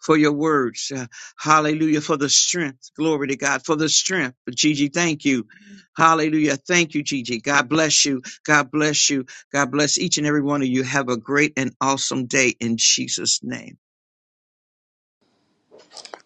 [SPEAKER 2] for your words. Uh, hallelujah. For the strength. Glory to God. For the strength. Gigi, thank you. Hallelujah. Thank you, Gigi. God bless you. God bless you. God bless each and every one of you. Have a great and awesome day in Jesus' name.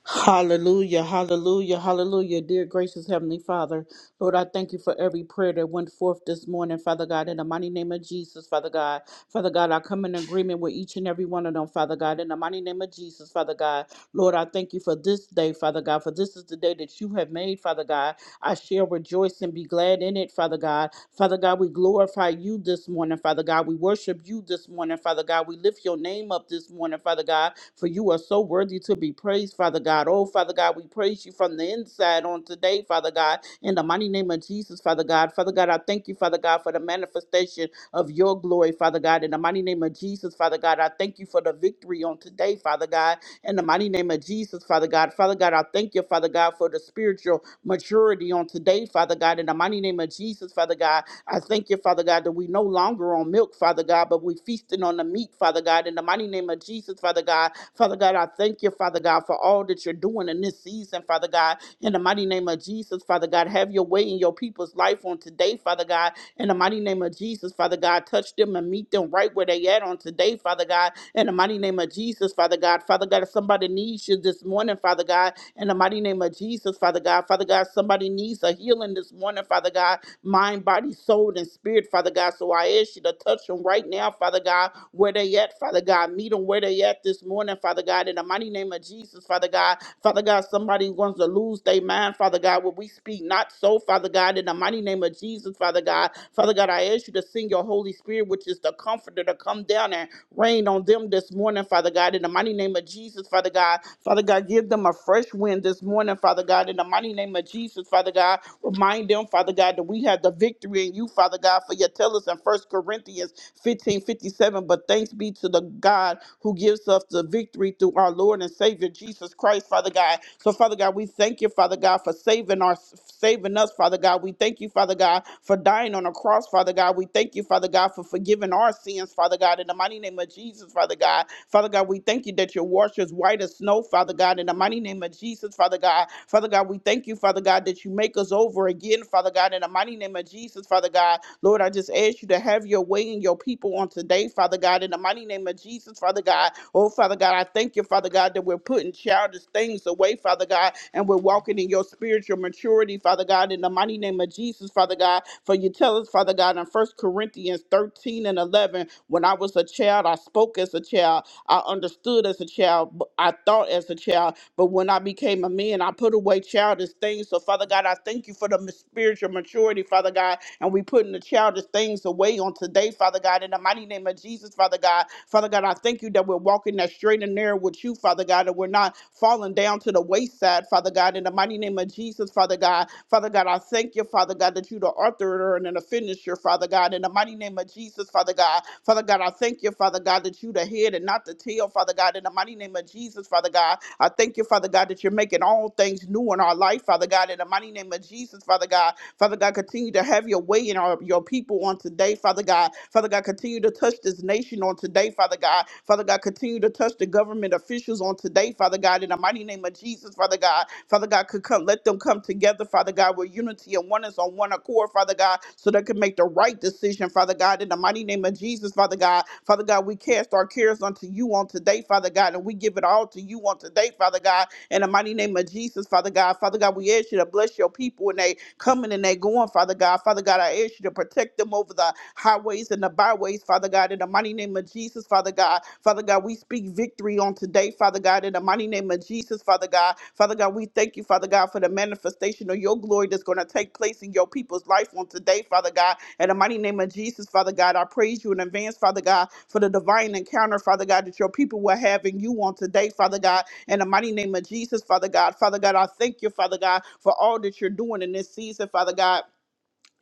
[SPEAKER 1] Hallelujah, hallelujah, hallelujah. Dear gracious Heavenly Father, Lord, I thank you for every prayer that went forth this morning, Father God, in the mighty name of Jesus, Father God. Father God, I come in agreement with each and every one of them, Father God, in the mighty name of Jesus, Father God. Lord, I thank you for this day, Father God, for this is the day that you have made, Father God. I shall rejoice and be glad in it, Father God. Father God, we glorify you this morning, Father God. We worship you this morning, Father God. We lift your name up this morning, Father God for you are so worthy to be praised, Father God. Oh, Father God, we praise you from the inside on today, Father God, in the mighty name of Jesus, Father God. Father God, I thank you, Father God, for the manifestation of your glory, Father God, in the mighty name of Jesus, Father God. I thank you for the victory on today, Father God, in the mighty name of Jesus, Father God. Father God, I thank you, Father God, for the spiritual maturity on today, Father God, in the mighty name of Jesus, Father God. I thank you, Father God, that we no longer on milk, Father God, but we feasting on the meat, Father God, in the mighty name of Jesus, Father God. Father God, I thank you, Father God, for all that you're doing in this season, Father God, in the mighty name of Jesus, Father God. Have your way in your people's life on today, Father God, in the mighty name of Jesus, Father God. Touch them and meet them right where they at on today, Father God, in the mighty name of Jesus, Father God. Father God, if somebody needs you this morning, Father God, in the mighty name of Jesus, Father God. Father God, somebody needs a healing this morning, Father God, mind, body, soul, and spirit, Father God. So I ask you to touch them right now, Father God, where they at, Father God. Meet them where they at this morning, Father God. In the mighty name of Jesus, Father God. Father God, somebody wants to lose their mind, Father God. When we speak not so, Father God, in the mighty name of Jesus, Father God. Father God, I ask you to send your Holy Spirit, which is the comforter, to come down and rain on them this morning, Father God. In the mighty name of Jesus, Father God. Father God, give them a fresh wind this morning, Father God. In the mighty name of Jesus, Father God. Remind them, Father God, that we have the victory in you, Father God, for you tell us in First Corinthians 15 57. But thanks be to the God who gives us the victory through our Lord and Savior Jesus Christ, Father God. So, Father God, we thank you, Father God, for saving our saving us, Father God. We thank you, Father God, for dying on a cross, Father God. We thank you, Father God, for forgiving our sins, Father God, in the mighty name of Jesus, Father God. Father God, we thank you that your wash is white as snow, Father God, in the mighty name of Jesus, Father God. Father God, we thank you, Father God, that you make us over again, Father God, in the mighty name of Jesus, Father God. Lord, I just ask you to have your way in your people on today, Father God, in the mighty name of Jesus, Father God. Oh, Father God, I thank you, Father God, that we're putting childish things away, Father God, and we're walking in your spiritual maturity, Father God, in the mighty name of Jesus, Father God. For you tell us, Father God, in First Corinthians 13 and 11, when I was a child, I spoke as a child, I understood as a child, but I thought as a child, but when I became a man, I put away childish things. So, Father God, I thank you for the m- spiritual maturity, Father God, and we putting the childish things away on today, Father God, in the mighty name of Jesus, Father God. Father God, I thank you that we're walking that straight and narrow with you, Father God, and we're not falling down to the wayside, Father God, in the mighty name of Jesus, Father God. Father God, I thank you, Father God, that you the author and the finisher, Father God, in the mighty name of Jesus, Father God. Father God, I thank you, Father God, that you the head and not the tail, Father God, in the mighty name of Jesus, Father God. I thank you, Father God, that you're making all things new in our life, Father God, in the mighty name of Jesus, Father God. Father God, continue to have your way in our your people on today, Father God. Father God, continue to touch this nation on today, Father God. Father God, continue to touch the government officials on today, Father God. In the mighty name of Jesus, Father God. Father God, could come let them come together, Father God, with unity and oneness on one accord, Father God, so they can make the right decision, Father God. In the mighty name of Jesus, Father God. Father God, we cast our cares unto you on today, Father God, and we give it all to you on today, Father God. In the mighty name of Jesus, Father God, Father God, we ask you to bless your people when they coming and they going, Father God. Father God, I ask you to protect them over the highways and the byways, Father God. In the mighty name of Jesus, Father God, Father God, we speak victory on today, Father God. In the mighty name of Jesus, Father God, Father God, we thank you, Father God, for the manifestation of your glory that's going to take place in your people's life on today, Father God. In the mighty name of Jesus, Father God, I praise you in advance, Father God, for the divine encounter, Father God, that your people will have in you on today, Father God. In the mighty name of Jesus, Father God. Father God, I thank you, Father God, for all that you're doing in this season, Father God.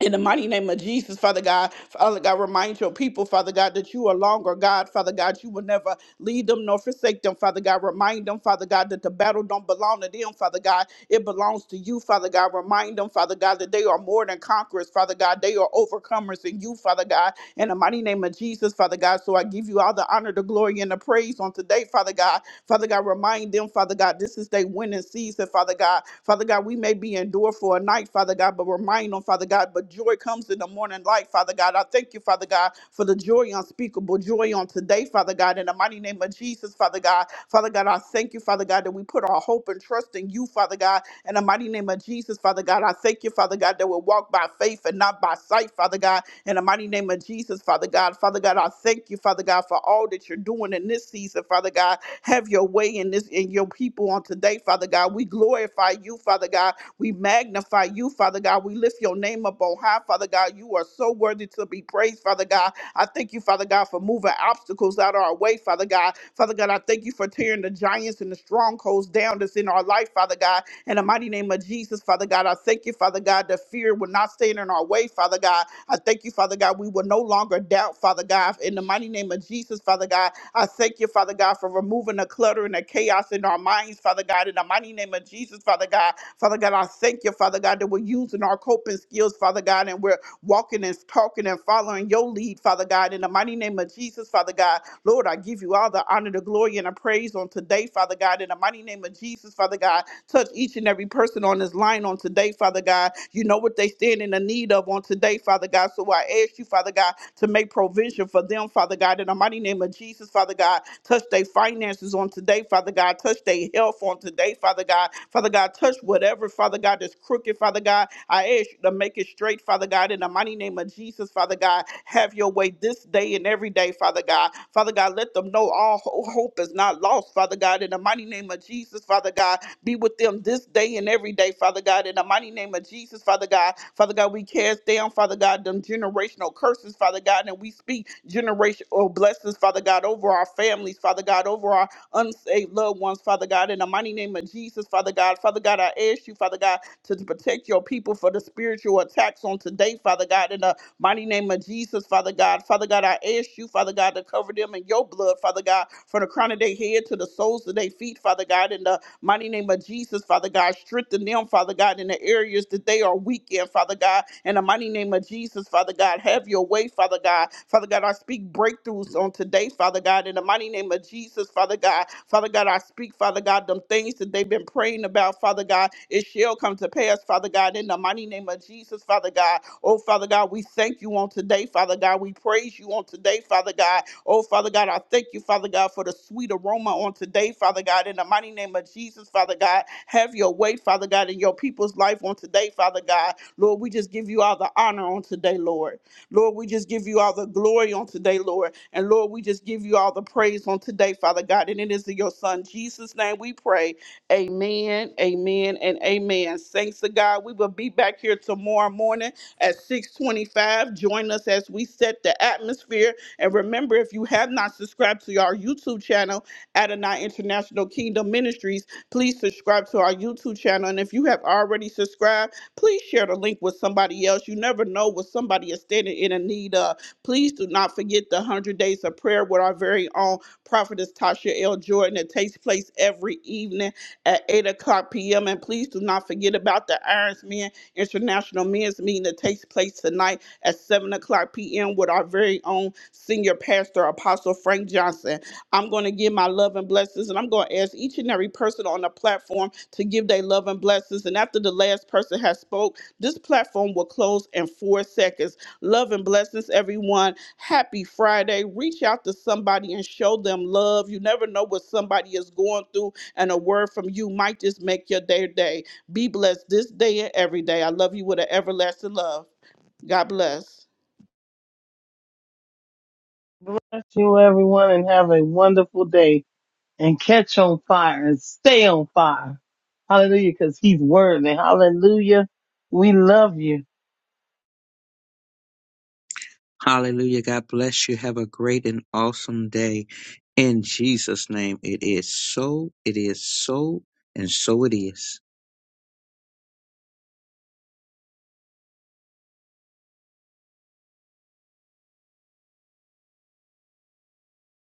[SPEAKER 1] In the mighty name of Jesus, Father God, Father God, remind your people, Father God, that you are longer, God, Father God, you will never lead them nor forsake them, Father God. Remind them, Father God, that the battle don't belong to them, Father God. It belongs to you, Father God. Remind them, Father God, that they are more than conquerors, Father God. They are overcomers in you, Father God. In the mighty name of Jesus, Father God. So I give you all the honor, the glory, and the praise on today, Father God. Father God, remind them, Father God, this is their winning season, Father God. Father God, we may be endured for a night, Father God, but remind them, Father God, but joy comes in the morning light, Father God. I thank you, Father God, for the joy unspeakable, joy on today, Father God, in the mighty name of Jesus, Father God. Father God, I thank you, Father God, that we put our hope and trust in you, Father God, in the mighty name of Jesus, Father God. I thank you, Father God, that we walk by faith and not by sight, Father God, in the mighty name of Jesus, Father God. Father God, I thank you, Father God, for all that you're doing in this season, Father God. Have your way in this in your people on today, Father God. We glorify you, Father God. We magnify you, Father God. We lift your name up on high, Father God. You are so worthy to be praised, Father God. I thank you, Father God, for moving obstacles out of our way, Father God. Father God, I thank you for tearing the giants and the strongholds down that's in our life, Father God. In the mighty name of Jesus, Father God, I thank you, Father God, that fear will not stand in our way, Father God. I thank you, Father God. We will no longer doubt, Father God. In the mighty name of Jesus, Father God, I thank you, Father God, for removing the clutter and the chaos in our minds, Father God. In the mighty name of Jesus, Father God, Father God, I thank you, Father God, that we're using our coping skills, Father God, and we're walking and talking and following your lead, Father God. In the mighty name of Jesus, Father God, Lord, I give you all the honor, the glory, and the praise on today, Father God. In the mighty name of Jesus, Father God, touch each and every person on this line on today, Father God. You know what they stand in the need of on today, Father God. So I ask you, Father God, to make provision for them, Father God. In the mighty name of Jesus, Father God, touch their finances on today, Father God. Touch their health on today, Father God. Father God, touch what whatever, Father God, that's crooked, Father God. I ask you to make it straight, Father God, in the mighty name of Jesus, Father God. Have your way this day and every day, Father God. Father God, let them know all ho- hope is not lost, Father God, in the mighty name of Jesus, Father God. Be with them this day and every day, Father God, in the mighty name of Jesus, Father God. Father God, we cast down, Father God, them generational curses, Father God, and we speak generational blessings, Father God, over our families, Father God, over our unsaved loved ones, Father God. In the mighty name of Jesus, Father God. Father God, I ask you, Father God, to protect your people for the spiritual attacks on today, Father God. In the mighty name of Jesus, Father God. Father God, I ask you, Father God, to cover them in your blood, Father God, from the crown of their head to the soles of their feet, Father God. In the Mighty name of Jesus, Father God, strengthen them, Father God, in the areas that they are weak in, Father God. In the mighty name of Jesus, Father God, have your way, Father God. Father God, I speak breakthroughs on today, Father God. In the mighty name of Jesus, Father God. Father God, I speak, Father God, them things that they've been praying about, Father God. It shall come to pass, Father God. In the mighty name of Jesus, Father God. Oh, Father God, we thank you on today, Father God. We praise you on today, Father God. Oh, Father God, I thank you, Father God, for the sweet aroma on today, Father God. In the mighty name of Jesus, Father God, have your way, Father God, in your people's life on today, Father God. Lord, we just give you all the honor on today, Lord. Lord, we just give you all the glory on today, Lord. And Lord, we just give you all the praise on today, Father God. And it is in your Son, Jesus' name, we pray. Amen, amen, and amen. Thanks to God. We will be back here tomorrow morning at 625. Join us as we set the atmosphere. And remember, if you have not subscribed to our YouTube channel, Adonai International Kingdom Ministries, please subscribe to our YouTube channel. And if you have already subscribed, please share the link with somebody else. You never know what somebody is standing in a need of. Please do not forget the 100 Days of Prayer with our very own prophetess Tasha L. Jordan. It takes place every evening at 8 o'clock p.m. And please do not forget about the Irons Men. International Men's Meeting that takes place tonight at 7 o'clock p.m. with our very own senior pastor, Apostle Frank Johnson. I'm going to give my love and blessings, and I'm going to ask each and every person on the platform to give their love and blessings. And after the last person has spoke, this platform will close in four seconds. Love and blessings, everyone. Happy Friday. Reach out to somebody and show them love. You never know what somebody is going through, and a word from you might just make your day. day. Be blessed this day and every day. I love you with an everlasting love. God bless.
[SPEAKER 3] Bless you, everyone, and have a wonderful day. And catch on fire and stay on fire. Hallelujah, because he's worthy. Hallelujah. We love you.
[SPEAKER 2] Hallelujah. God bless you. Have a great and awesome day. In Jesus' name, it is so, it is so, and so it is.